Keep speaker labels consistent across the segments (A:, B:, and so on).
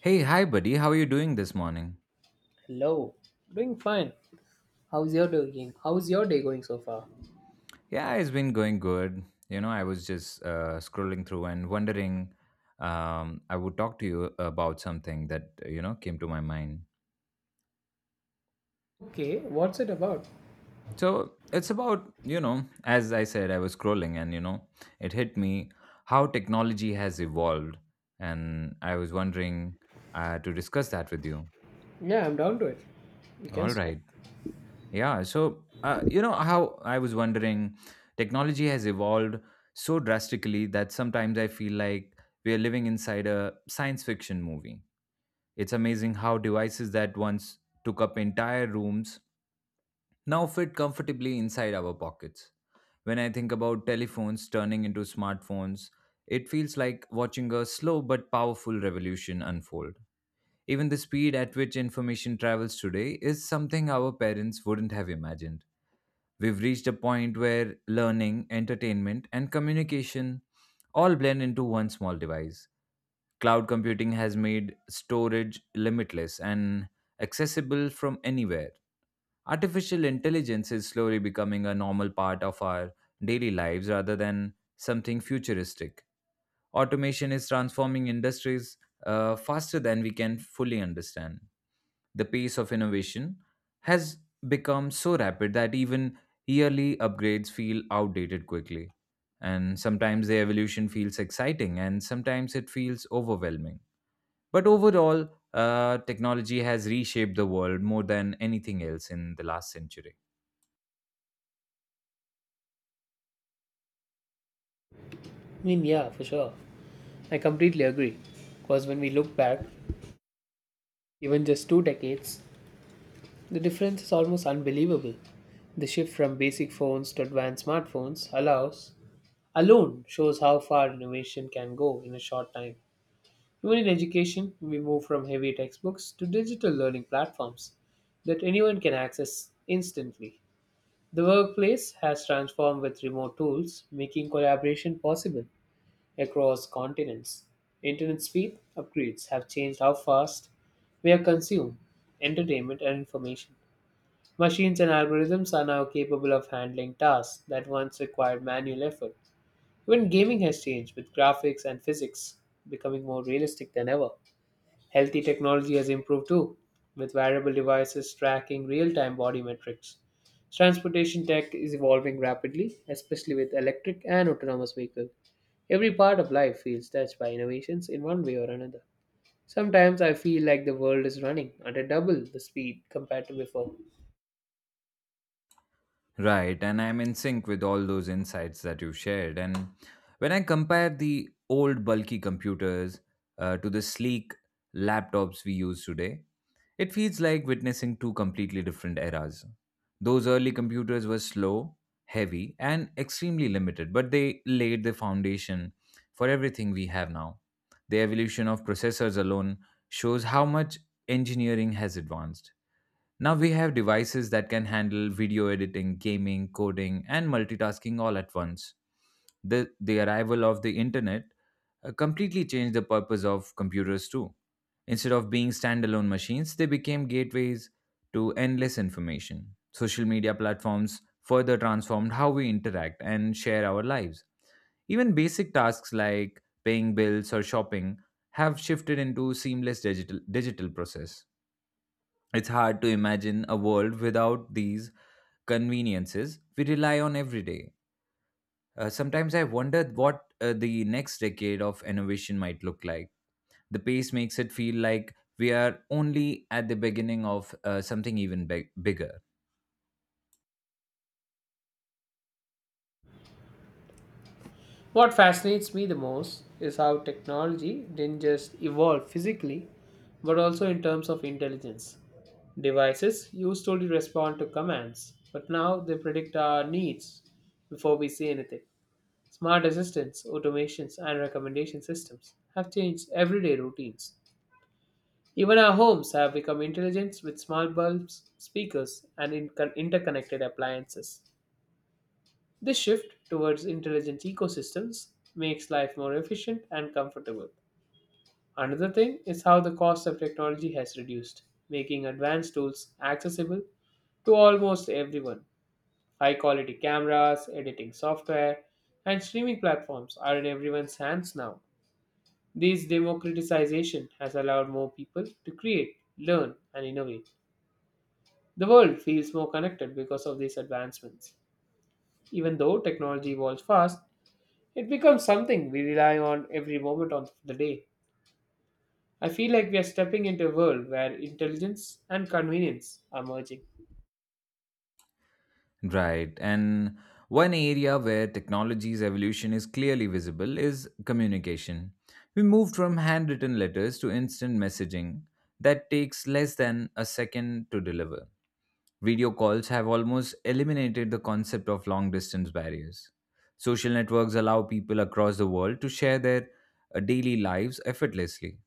A: Hey, hi, buddy. How are you doing this morning?
B: Hello, doing fine. How's your doing? How's your day going so far?
A: Yeah, it's been going good. You know, I was just scrolling through and wondering. I would talk to you about something that you know came to my mind.
B: Okay, what's it about?
A: So it's about you know, as I said, I was scrolling and you know, it hit me how technology has evolved, and I was wondering to discuss that with you.
B: Yeah, I'm down to it. We can
A: All
B: start.
A: right. Yeah. So, you know, how I was wondering, technology has evolved so drastically that sometimes I feel like we are living inside a science fiction movie. It's amazing how devices that once took up entire rooms now fit comfortably inside our pockets. When I think about telephones turning into smartphones, it feels like watching a slow but powerful revolution unfold. Even the speed at which information travels today is something our parents wouldn't have imagined. We've reached a point where learning, entertainment, and communication all blend into one small device. Cloud computing has made storage limitless and accessible from anywhere. Artificial intelligence is slowly becoming a normal part of our daily lives rather than something futuristic. Automation is transforming industries faster than we can fully understand. The pace of innovation has become so rapid that even yearly upgrades feel outdated quickly. And sometimes the evolution feels exciting and sometimes it feels overwhelming. But overall, technology has reshaped the world more than anything else in the last century.
B: I mean, yeah, for sure. I completely agree. Because when we look back, even just two decades, the difference is almost unbelievable. The shift from basic phones to advanced smartphones allows alone shows how far innovation can go in a short time. Even in education, we move from heavy textbooks to digital learning platforms that anyone can access instantly. The workplace has transformed with remote tools, making collaboration possible across continents. Internet speed upgrades have changed how fast we are consumed entertainment and information. Machines and algorithms are now capable of handling tasks that once required manual effort. Even gaming has changed with graphics and physics becoming more realistic than ever. Healthy technology has improved too, with wearable devices tracking real time body metrics. Transportation tech is evolving rapidly, especially with electric and autonomous vehicles. Every part of life feels touched by innovations in one way or another. Sometimes I feel like the world is running at a double the speed compared to before.
A: Right, and I'm in sync with all those insights that you shared. And when I compare the old bulky computers to the sleek laptops we use today, it feels like witnessing two completely different eras. Those early computers were slow, heavy, and extremely limited, but they laid the foundation for everything we have now. The evolution of processors alone shows how much engineering has advanced. Now we have devices that can handle video editing, gaming, coding, and multitasking all at once. The arrival of the internet completely changed the purpose of computers too. Instead of being standalone machines, they became gateways to endless information. Social media platforms further transformed how we interact and share our lives. Even basic tasks like paying bills or shopping have shifted into seamless digital process. It's hard to imagine a world without these conveniences we rely on every day. Sometimes I wonder what the next decade of innovation might look like. The pace makes it feel like we are only at the beginning of something even bigger.
B: What fascinates me the most is how technology didn't just evolve physically, but also in terms of intelligence. Devices used to only respond to commands, but now they predict our needs before we say anything. Smart assistants, automations, and recommendation systems have changed everyday routines. Even our homes have become intelligent with smart bulbs, speakers, and interconnected appliances. This shift towards intelligent ecosystems makes life more efficient and comfortable. Another thing is how the cost of technology has reduced, making advanced tools accessible to almost everyone. High quality cameras, editing software, and streaming platforms are in everyone's hands now. This democratization has allowed more people to create, learn, and innovate. The world feels more connected because of these advancements. Even though technology evolves fast, it becomes something we rely on every moment of the day. I feel like we are stepping into a world where intelligence and convenience are merging.
A: Right. And one area where technology's evolution is clearly visible is communication. We moved from handwritten letters to instant messaging that takes less than a second to deliver. Video calls have almost eliminated the concept of long distance barriers. Social networks allow people across the world to share their daily lives effortlessly.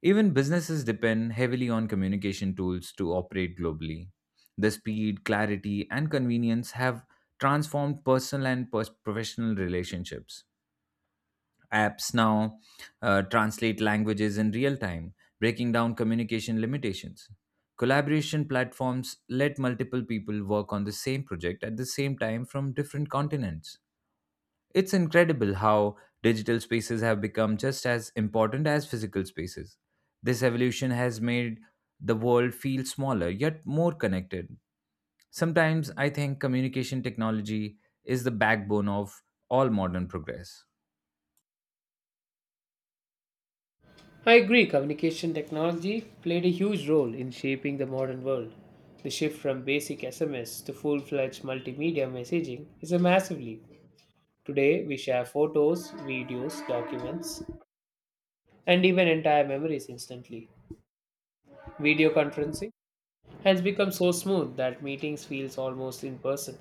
A: Even businesses depend heavily on communication tools to operate globally. The speed, clarity, and convenience have transformed personal and professional relationships. Apps now translate languages in real time, breaking down communication limitations. Collaboration platforms let multiple people work on the same project at the same time from different continents. It's incredible how digital spaces have become just as important as physical spaces. This evolution has made the world feel smaller yet more connected. Sometimes I think communication technology is the backbone of all modern progress.
B: I agree, communication technology played a huge role in shaping the modern world. The shift from basic SMS to full fledged multimedia messaging is a massive leap. Today, we share photos, videos, documents, and even entire memories instantly. Video conferencing has become so smooth that meetings feels almost in person.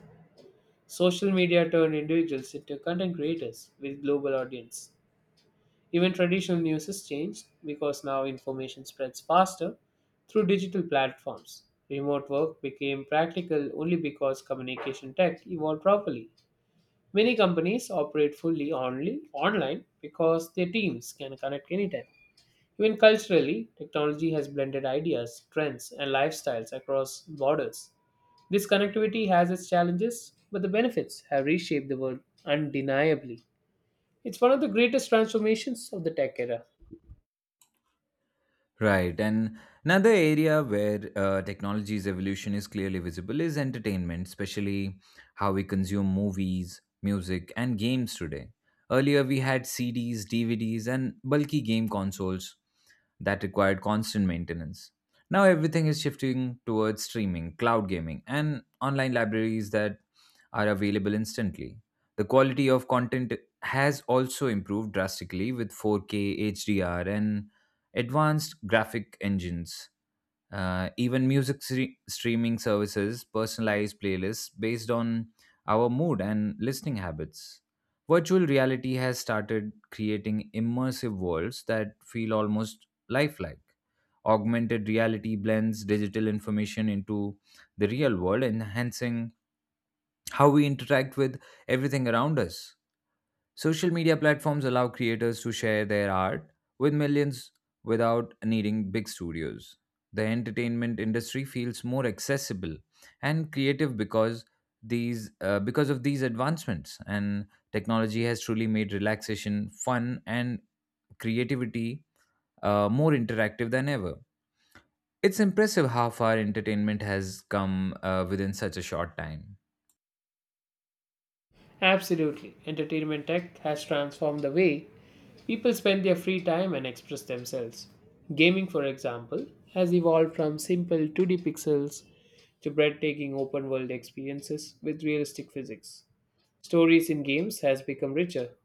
B: Social media turned individuals into content creators with global audience. Even traditional news has changed because now information spreads faster through digital platforms. Remote work became practical only because communication tech evolved properly. Many companies operate fully only online because their teams can connect anytime. Even culturally, technology has blended ideas, trends, and lifestyles across borders. This connectivity has its challenges, but the benefits have reshaped the world undeniably. It's one of the greatest transformations of the tech era.
A: Right. And another area where technology's evolution is clearly visible is entertainment, especially how we consume movies, music, and games today. Earlier, we had CDs, DVDs, and bulky game consoles that required constant maintenance. Now, everything is shifting towards streaming, cloud gaming, and online libraries that are available instantly. The quality of content has also improved drastically with 4K, HDR, and advanced graphic engines. Even music streaming services personalized playlists based on our mood and listening habits. Virtual reality has started creating immersive worlds that feel almost lifelike. Augmented reality blends digital information into the real world, enhancing how we interact with everything around us. Social media platforms allow creators to share their art with millions without needing big studios. The entertainment industry feels more accessible and creative because these because of these advancements, and technology has truly made relaxation fun and creativity more interactive than ever. It's impressive how far entertainment has come within such a short time.
B: Absolutely, entertainment tech has transformed the way people spend their free time and express themselves. Gaming, for example, has evolved from simple 2D pixels to breathtaking open world experiences with realistic physics. Stories in games has become richer,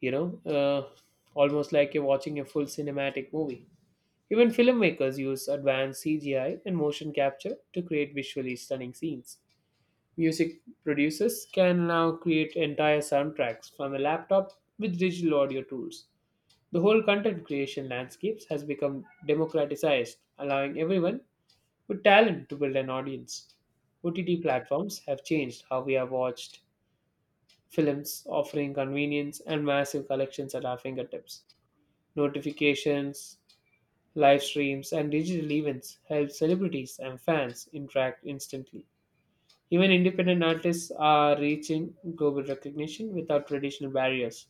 B: you know, uh, almost like you're watching a full cinematic movie. Even filmmakers use advanced CGI and motion capture to create visually stunning scenes. Music producers can now create entire soundtracks from a laptop with digital audio tools. The whole content creation landscapes has become democratized, allowing everyone with talent to build an audience. OTT platforms have changed how we have watched films, offering convenience and massive collections at our fingertips. Notifications, live streams and digital events help celebrities and fans interact instantly. Even independent artists are reaching global recognition without traditional barriers.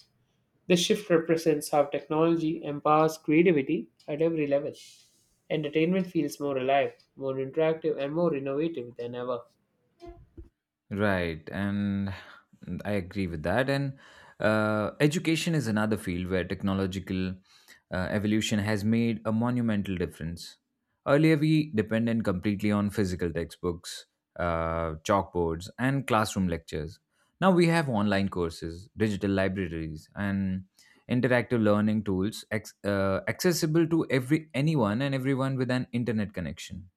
B: This shift represents how technology empowers creativity at every level. Entertainment feels more alive, more interactive, and more innovative than ever.
A: Right, and I agree with that. And education is another field where technological evolution has made a monumental difference. Earlier, we depended completely on physical textbooks, chalkboards, and classroom lectures. Now we have online courses, digital libraries, and interactive learning tools accessible to every anyone and everyone with an internet connection.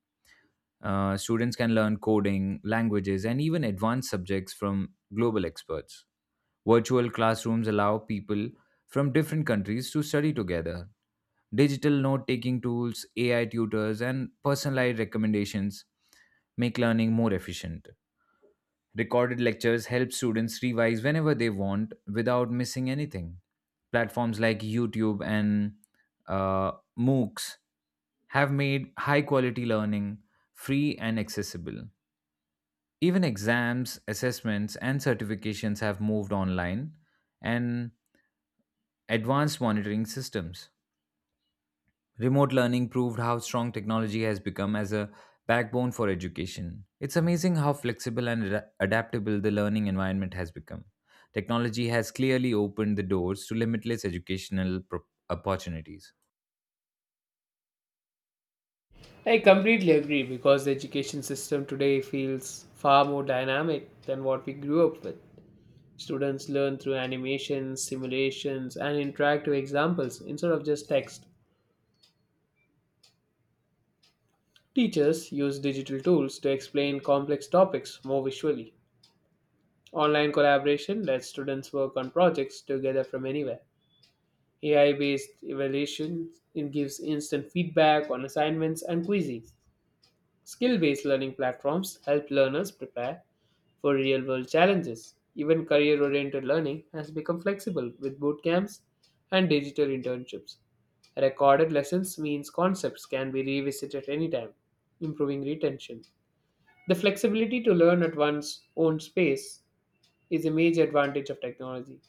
A: Students can learn coding, languages, and even advanced subjects from global experts. Virtual classrooms allow people from different countries to study together. Digital note taking tools, AI tutors, and personalized recommendations make learning more efficient. Recorded lectures help students revise whenever they want without missing anything. Platforms like YouTube and uh, MOOCs have made high quality learning free and accessible. Even exams, assessments, and certifications have moved online and advanced monitoring systems. Remote learning proved how strong technology has become as a backbone for education. It's amazing how flexible and adaptable the learning environment has become. Technology has clearly opened the doors to limitless educational opportunities.
B: I completely agree because the education system today feels far more dynamic than what we grew up with. Students learn through animations, simulations, and interactive examples instead of just text. Teachers use digital tools to explain complex topics more visually. Online collaboration lets students work on projects together from anywhere. AI based evaluation it gives instant feedback on assignments and quizzes. Skill based learning platforms help learners prepare for real world challenges. Even career oriented learning has become flexible with boot camps and digital internships. Recorded lessons means concepts can be revisited anytime, improving retention. The flexibility to learn at one's own space is a major advantage of technology.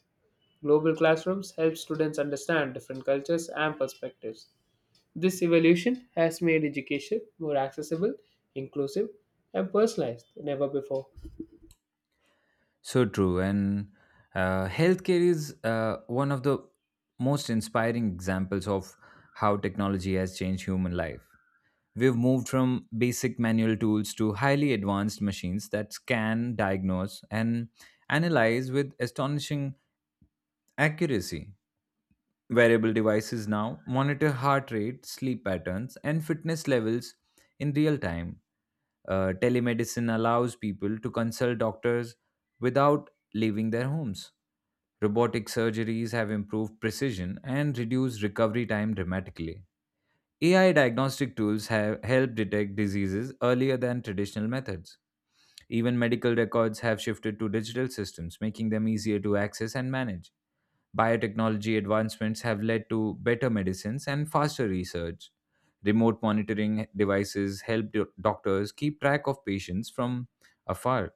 B: Global classrooms help students understand different cultures and perspectives. This evolution has made education more accessible, inclusive, and personalized than ever before.
A: So true. And healthcare is one of the most inspiring examples of how technology has changed human life. We've moved from basic manual tools to highly advanced machines that scan, diagnose, and analyze with astonishing accuracy. Wearable devices now monitor heart rate, sleep patterns, and fitness levels in real time. Telemedicine allows people to consult doctors without leaving their homes. Robotic surgeries have improved precision and reduced recovery time dramatically. AI diagnostic tools have helped detect diseases earlier than traditional methods. Even medical records have shifted to digital systems, making them easier to access and manage. Biotechnology advancements have led to better medicines and faster research. Remote monitoring devices help doctors keep track of patients from afar,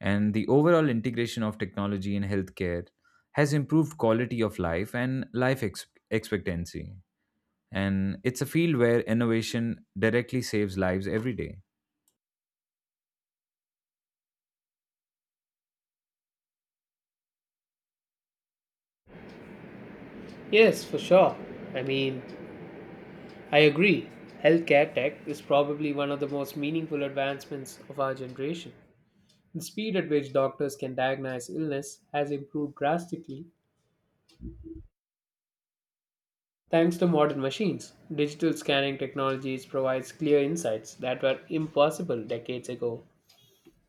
A: and the overall integration of technology in healthcare has improved quality of life and life expectancy. And it's a field where innovation directly saves lives every day.
B: Yes, for sure. I mean, I agree. Healthcare tech is probably one of the most meaningful advancements of our generation. The speed at which doctors can diagnose illness has improved drastically thanks to modern machines. Digital scanning technologies provides clear insights that were impossible decades ago.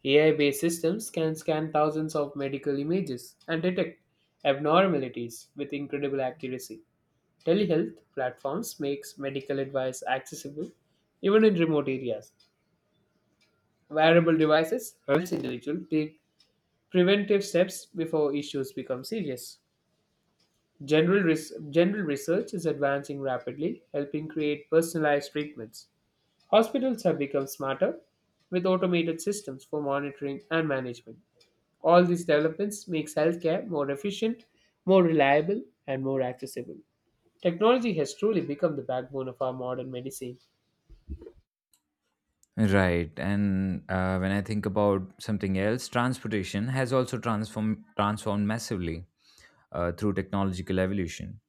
B: AI based systems can scan thousands of medical images and detect abnormalities with incredible accuracy. Telehealth platforms makes medical advice accessible even in remote areas. Wearable devices helps individuals take preventive steps before issues become serious. General research is advancing rapidly, helping create personalized treatments. Hospitals have become smarter with automated systems for monitoring and management. All these developments makes healthcare more efficient, more reliable, and more accessible. Technology has truly become the backbone of our modern medicine.
A: Right, and when I think about something else, transportation has also transformed massively through technological evolution.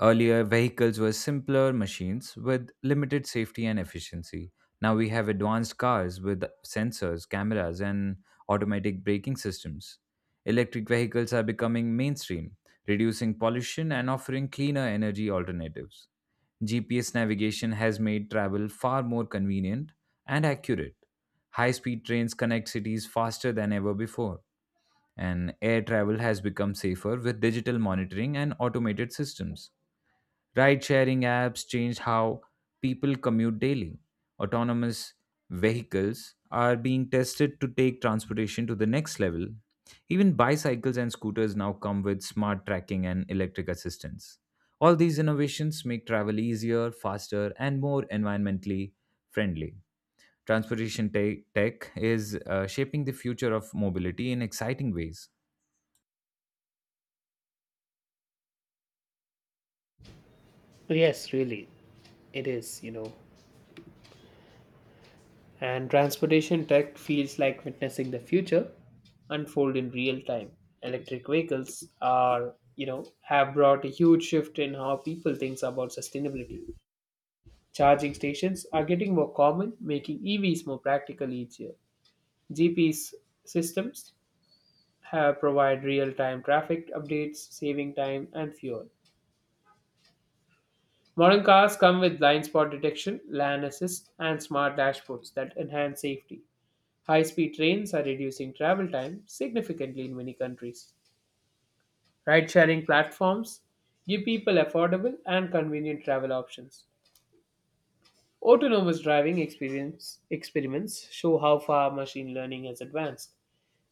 A: Earlier vehicles were simpler machines with limited safety and efficiency. Now we have advanced cars with sensors, cameras, and automatic braking systems. Electric vehicles are becoming mainstream, reducing pollution and offering cleaner energy alternatives. GPS navigation has made travel far more convenient and accurate. High speed trains connect cities faster than ever before, and air travel has become safer with digital monitoring and automated systems. Ride sharing apps change how people commute daily. Autonomous vehicles are being tested to take transportation to the next level. Even bicycles and scooters now come with smart tracking and electric assistance. All these innovations make travel easier, faster, and more environmentally friendly. Transportation tech is shaping the future of mobility in exciting ways.
B: Yes, really, it is. And transportation tech feels like witnessing the future unfold in real time. Electric vehicles have brought a huge shift in how people think about sustainability. Charging stations are getting more common, making EVs more practical each year. GPS systems have provide real-time traffic updates, saving time and fuel. Modern cars come with blind spot detection, lane assist, and smart dashboards that enhance safety. High-speed trains are reducing travel time significantly in many countries. Ride-sharing platforms give people affordable and convenient travel options. Autonomous driving experience experiments show how far machine learning has advanced.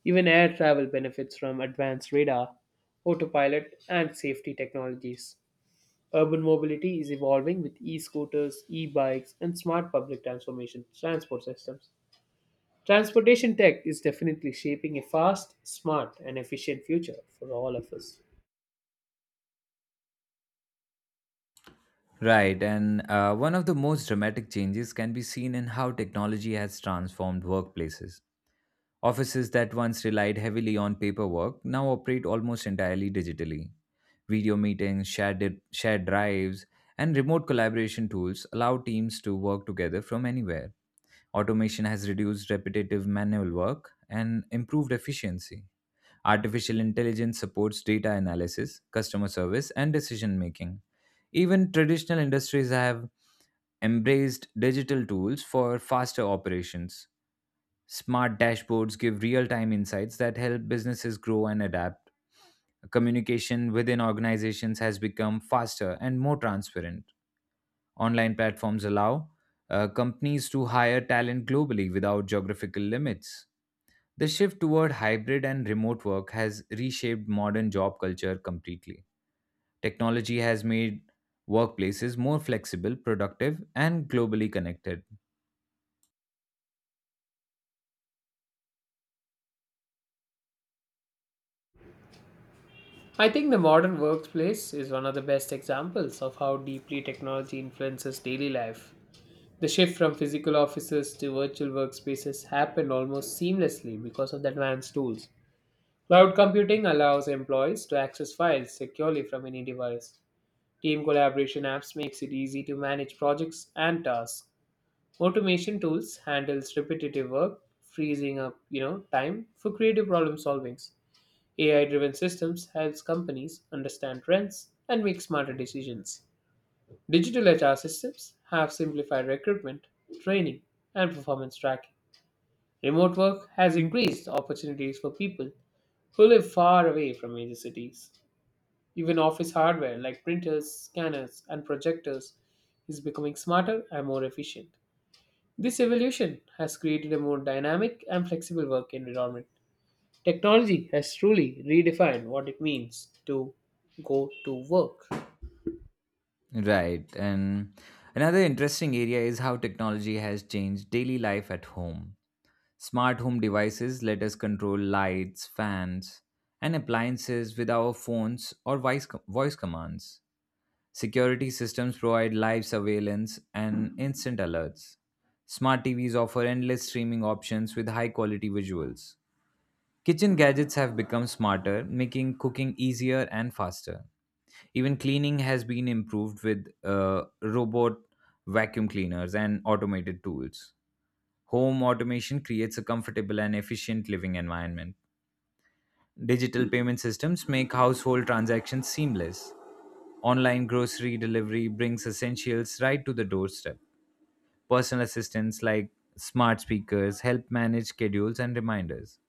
B: Even air travel benefits from advanced radar, autopilot, and safety technologies. Urban mobility is evolving with e-scooters, e-bikes, and smart public transformation transport systems. Transportation tech is definitely shaping a fast, smart, and efficient future for all of us.
A: Right, and one of the most dramatic changes can be seen in how technology has transformed workplaces. Offices that once relied heavily on paperwork now operate almost entirely digitally. Video meetings, shared drives, and remote collaboration tools allow teams to work together from anywhere. Automation has reduced repetitive manual work and improved efficiency. Artificial intelligence supports data analysis, customer service, and decision making. Even traditional industries have embraced digital tools for faster operations. Smart dashboards give real time insights that help businesses grow and adapt. Communication within organizations has become faster and more transparent. Online platforms allow companies to hire talent globally without geographical limits. The shift toward hybrid and remote work has reshaped modern job culture completely. Technology has made workplaces more flexible, productive, and globally connected.
B: I think the modern workplace is one of the best examples of how deeply technology influences daily life. The shift from physical offices to virtual workspaces happened almost seamlessly because of the advanced tools. Cloud computing allows employees to access files securely from any device. Team collaboration apps makes it easy to manage projects and tasks. Automation tools handles repetitive work, freezing up, you know, time for creative problem solving. AI-driven systems helps companies understand trends and make smarter decisions. Digital HR systems have simplified recruitment, training, and performance tracking. Remote work has increased opportunities for people who live far away from major cities. Even office hardware like printers, scanners, and projectors is becoming smarter and more efficient. This evolution has created a more dynamic and flexible work environment. Technology has truly redefined what it means to go to work.
A: Right. And another interesting area is how technology has changed daily life at home. Smart home devices let us control lights, fans, and appliances with our phones or voice commands. Security systems provide live surveillance and instant alerts. Smart TVs offer endless streaming options with high quality visuals. Kitchen gadgets have become smarter, making cooking easier and faster. Even cleaning has been improved with robot vacuum cleaners and automated tools. Home automation creates a comfortable and efficient living environment. Digital payment systems make household transactions seamless. Online grocery delivery brings essentials right to the doorstep. Personal assistants like smart speakers help manage schedules and reminders.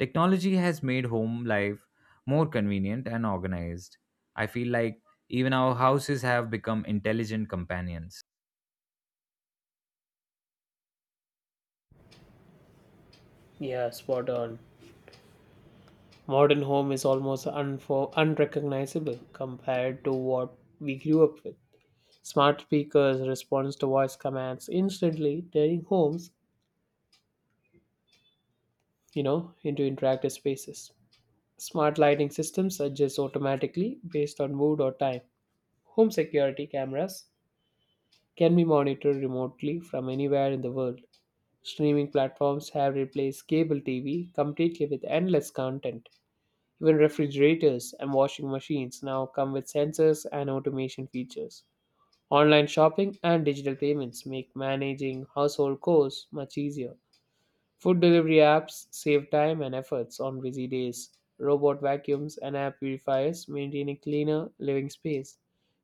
A: Technology has made home life more convenient and organized. I feel like even our houses have become intelligent companions.
B: Yeah, spot on. Modern home is almost unrecognizable compared to what we grew up with. Smart speakers responds to voice commands instantly, turning homes, you know, into interactive spaces. Smart lighting systems adjust automatically based on mood or time. Home security cameras can be monitored remotely from anywhere in the world. Streaming platforms have replaced cable TV completely with endless content. Even refrigerators and washing machines now come with sensors and automation features. Online shopping and digital payments make managing household chores much easier. Food delivery apps save time and efforts on busy days. Robot vacuums and air purifiers maintain a cleaner living space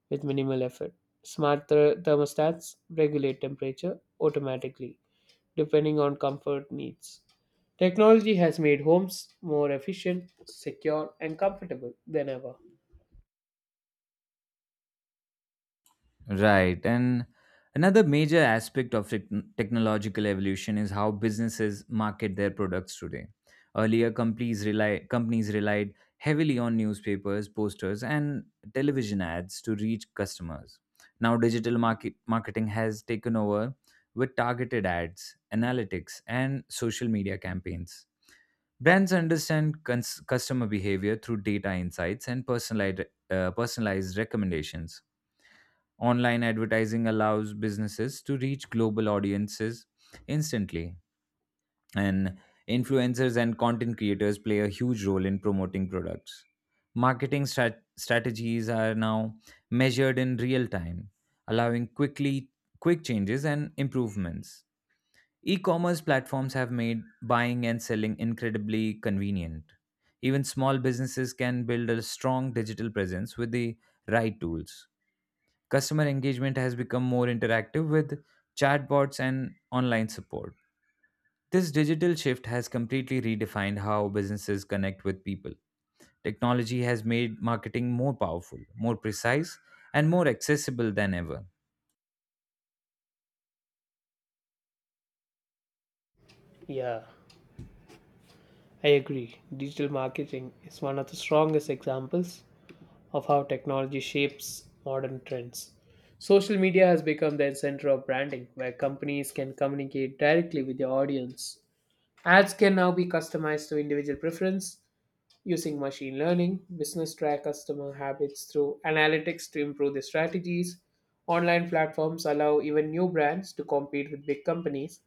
B: with minimal effort. Smart thermostats regulate temperature automatically, depending on comfort needs. Technology has made homes more efficient, secure, and comfortable than ever.
A: Right. And another major aspect of technological evolution is how businesses market their products today. Earlier, companies relied heavily on newspapers, posters, and television ads to reach customers. Now, marketing has taken over with targeted ads, analytics, and social media campaigns. Brands understand customer behavior through data insights and personalized recommendations. Online advertising allows businesses to reach global audiences instantly, and influencers and content creators play a huge role in promoting products. Marketing strategies are now measured in real time, allowing quick changes and improvements. E-commerce platforms have made buying and selling incredibly convenient. Even small businesses can build a strong digital presence with the right tools. Customer engagement has become more interactive with chatbots and online support. This digital shift has completely redefined how businesses connect with people. Technology has made marketing more powerful, more precise, and more accessible than ever.
B: Yeah, I agree. Digital marketing is one of the strongest examples of how technology shapes modern trends. Social media has become their center of branding, where companies can communicate directly with their audience. Ads can now be customized to individual preference using machine learning. Business track customer habits through analytics to improve their strategies. Online platforms allow even new brands to compete with big companies.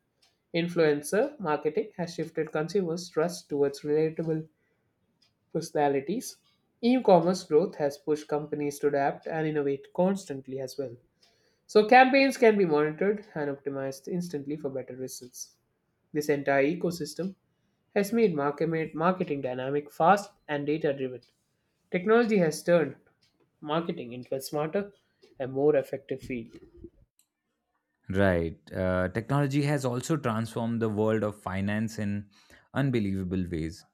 B: Influencer marketing has shifted consumers' trust towards relatable personalities. E-commerce growth has pushed companies to adapt and innovate constantly as well. So campaigns can be monitored and optimized instantly for better results. This entire ecosystem has made marketing dynamic, fast, and data-driven. Technology has turned marketing into a smarter and more effective field.
A: Right. Technology has also transformed the world of finance in unbelievable ways.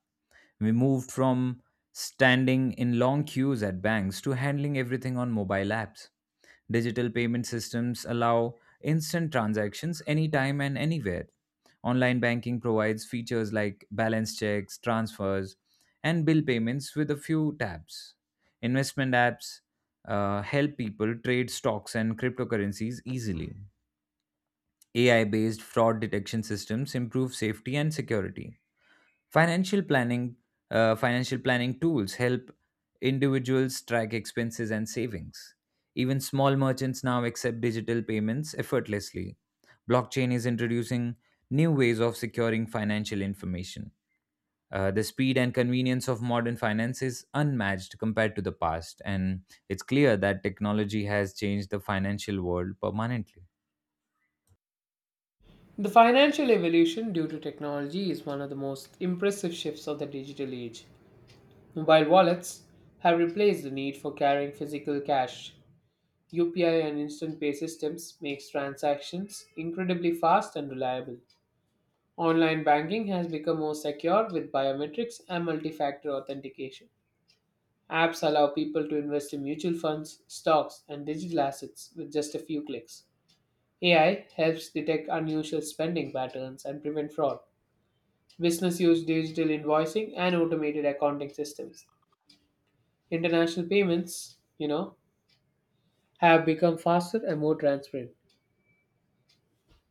A: We moved from standing in long queues at banks to handling everything on mobile apps. Digital payment systems allow instant transactions anytime and anywhere. Online banking provides features like balance checks, transfers, and bill payments with a few taps. Investment apps help people trade stocks and cryptocurrencies easily. AI based fraud detection systems improve safety and security. Financial planning, Financial planning tools help individuals track expenses and savings. Even small merchants now accept digital payments effortlessly. Blockchain is introducing new ways of securing financial information. The speed and convenience of modern finance is unmatched compared to the past, and it's clear that technology has changed the financial world permanently.
B: The financial evolution due to technology is one of the most impressive shifts of the digital age. Mobile wallets have replaced the need for carrying physical cash. UPI and instant pay systems makes transactions incredibly fast and reliable. Online banking has become more secure with biometrics and multi-factor authentication. Apps allow people to invest in mutual funds, stocks, and digital assets with just a few clicks. AI helps detect unusual spending patterns and prevent fraud. Business use digital invoicing and automated accounting systems. International payments, you know, have become faster and more transparent.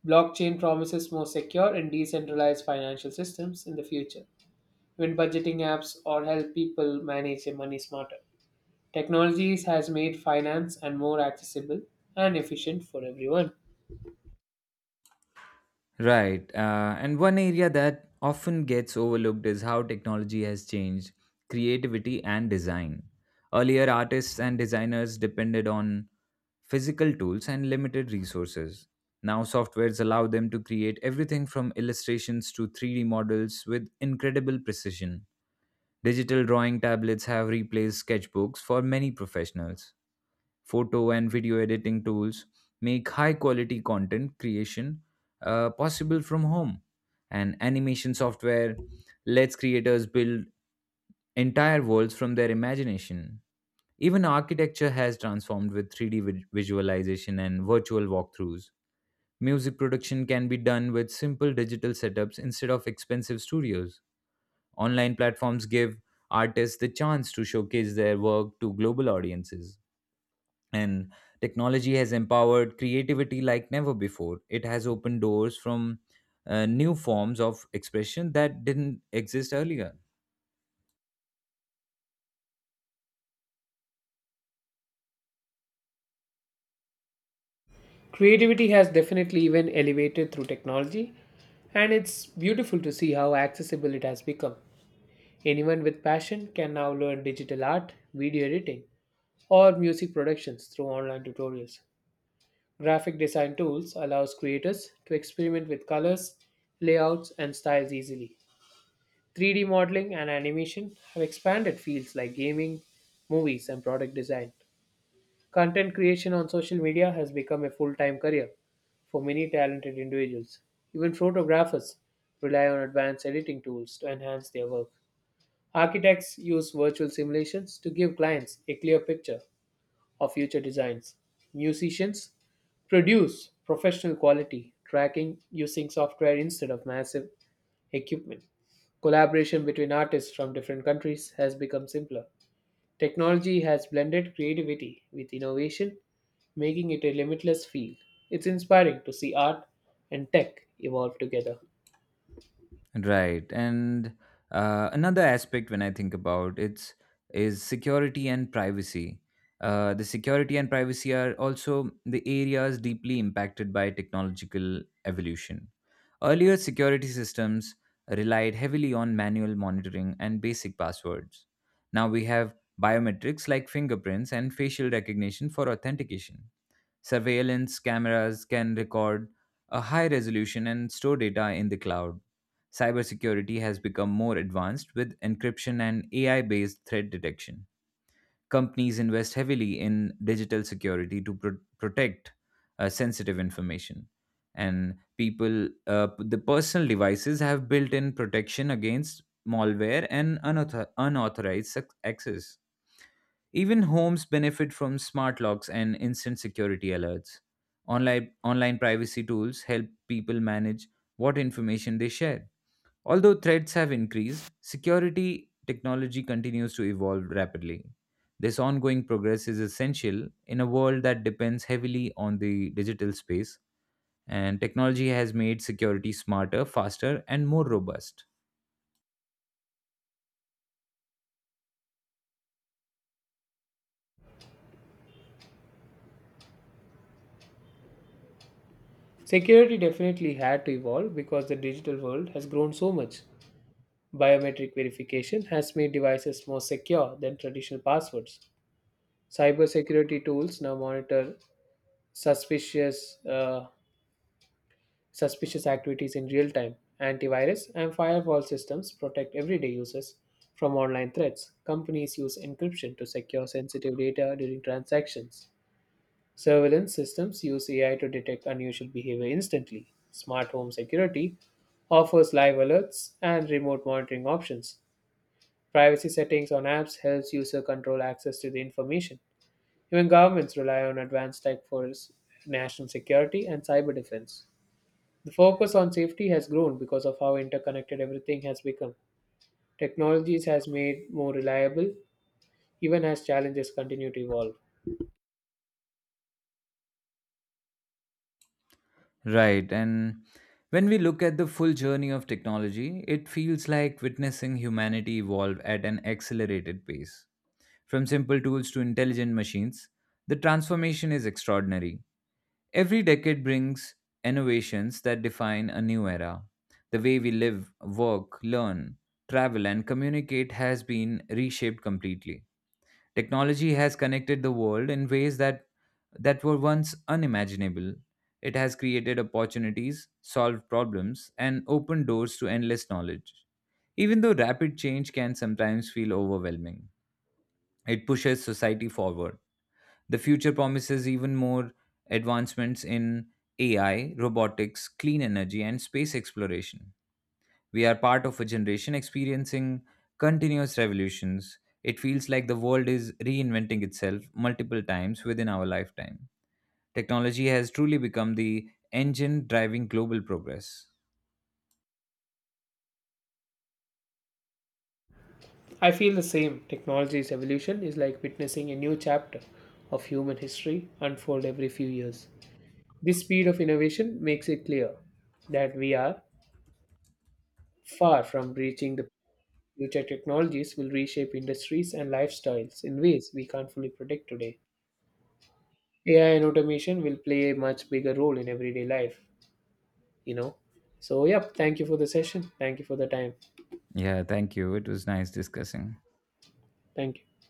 B: Blockchain promises more secure and decentralized financial systems in the future, even budgeting apps or help people manage their money smarter. Technologies has made finance and more accessible and efficient for everyone.
A: Right. And one area that often gets overlooked is how technology has changed creativity and design. Earlier, artists and designers depended on physical tools and limited resources. Now, softwares allow them to create everything from illustrations to 3D models with incredible precision. Digital drawing tablets have replaced sketchbooks for many professionals. Photo and video editing tools make high quality content creation, possible from home. And animation software lets creators build entire worlds from their imagination. Even architecture has transformed with 3D visualization and virtual walkthroughs. Music production can be done with simple digital setups instead of expensive studios. Online platforms give artists the chance to showcase their work to global audiences, and technology has empowered creativity like never before. It has opened doors from, new forms of expression that didn't exist earlier.
B: Creativity has definitely even elevated through technology, and it's beautiful to see how accessible it has become. Anyone with passion can now learn digital art, video editing, or music productions through online tutorials. Graphic design tools allows creators to experiment with colors, layouts, and styles easily. 3D modeling and animation have expanded fields like gaming, movies, and product design. Content creation on social media has become a full-time career for many talented individuals. Even photographers rely on advanced editing tools to enhance their work. Architects use virtual simulations to give clients a clear picture of future designs. Musicians produce professional quality tracking using software instead of massive equipment. Collaboration between artists from different countries has become simpler. Technology has blended creativity with innovation, making it a limitless field. It's inspiring to see art and tech evolve together.
A: Right. And another aspect when I think about it's is security and privacy. The security and privacy are also the areas deeply impacted by technological evolution. Earlier security systems relied heavily on manual monitoring and basic passwords. Now we have biometrics like fingerprints and facial recognition for authentication. Surveillance cameras can record a high resolution and store data in the cloud. Cybersecurity has become more advanced with encryption and AI based threat detection. Companies invest heavily in digital security to protect, sensitive information. And the personal devices have built in protection against malware and unauthorized access. Even homes benefit from smart locks and instant security alerts. Online privacy tools help people manage what information they share. Although threats have increased, security technology continues to evolve rapidly. This ongoing progress is essential in a world that depends heavily on the digital space, and technology has made security smarter, faster, and more robust.
B: Security definitely had to evolve because the digital world has grown so much. Biometric verification has made devices more secure than traditional passwords. Cybersecurity tools now monitor suspicious uh, suspicious activities in real time. Antivirus and firewall systems protect everyday users from online threats. Companies use encryption to secure sensitive data during transactions. Surveillance systems use AI to detect unusual behavior instantly. Smart home security offers live alerts and remote monitoring options. Privacy settings on apps helps user control access to the information. Even governments rely on advanced tech for national security and cyber defense. The focus on safety has grown because of how interconnected everything has become. Technologies has made more reliable even as challenges continue to evolve.
A: Right. And when we look at the full journey of technology, it feels like witnessing humanity evolve at an accelerated pace. From simple tools to intelligent machines, the transformation is extraordinary. Every decade brings innovations that define a new era. The way we live, work, learn, travel, and communicate has been reshaped completely. Technology has connected the world in ways that were once unimaginable. It has created opportunities, solved problems, and opened doors to endless knowledge. Even though rapid change can sometimes feel overwhelming, it pushes society forward. The future promises even more advancements in AI, robotics, clean energy, and space exploration. We are part of a generation experiencing continuous revolutions. It feels like the world is reinventing itself multiple times within our lifetime. Technology has truly become the engine driving global progress.
B: I feel the same. Technology's evolution is like witnessing a new chapter of human history unfold every few years. This speed of innovation makes it clear that we are far from reaching the future. Technologies will reshape industries and lifestyles in ways we can't fully predict today. AI and automation will play a much bigger role in everyday life, you know. So, yep, thank you for the session. Thank you for the time.
A: Yeah, thank you. It was nice discussing.
B: Thank you.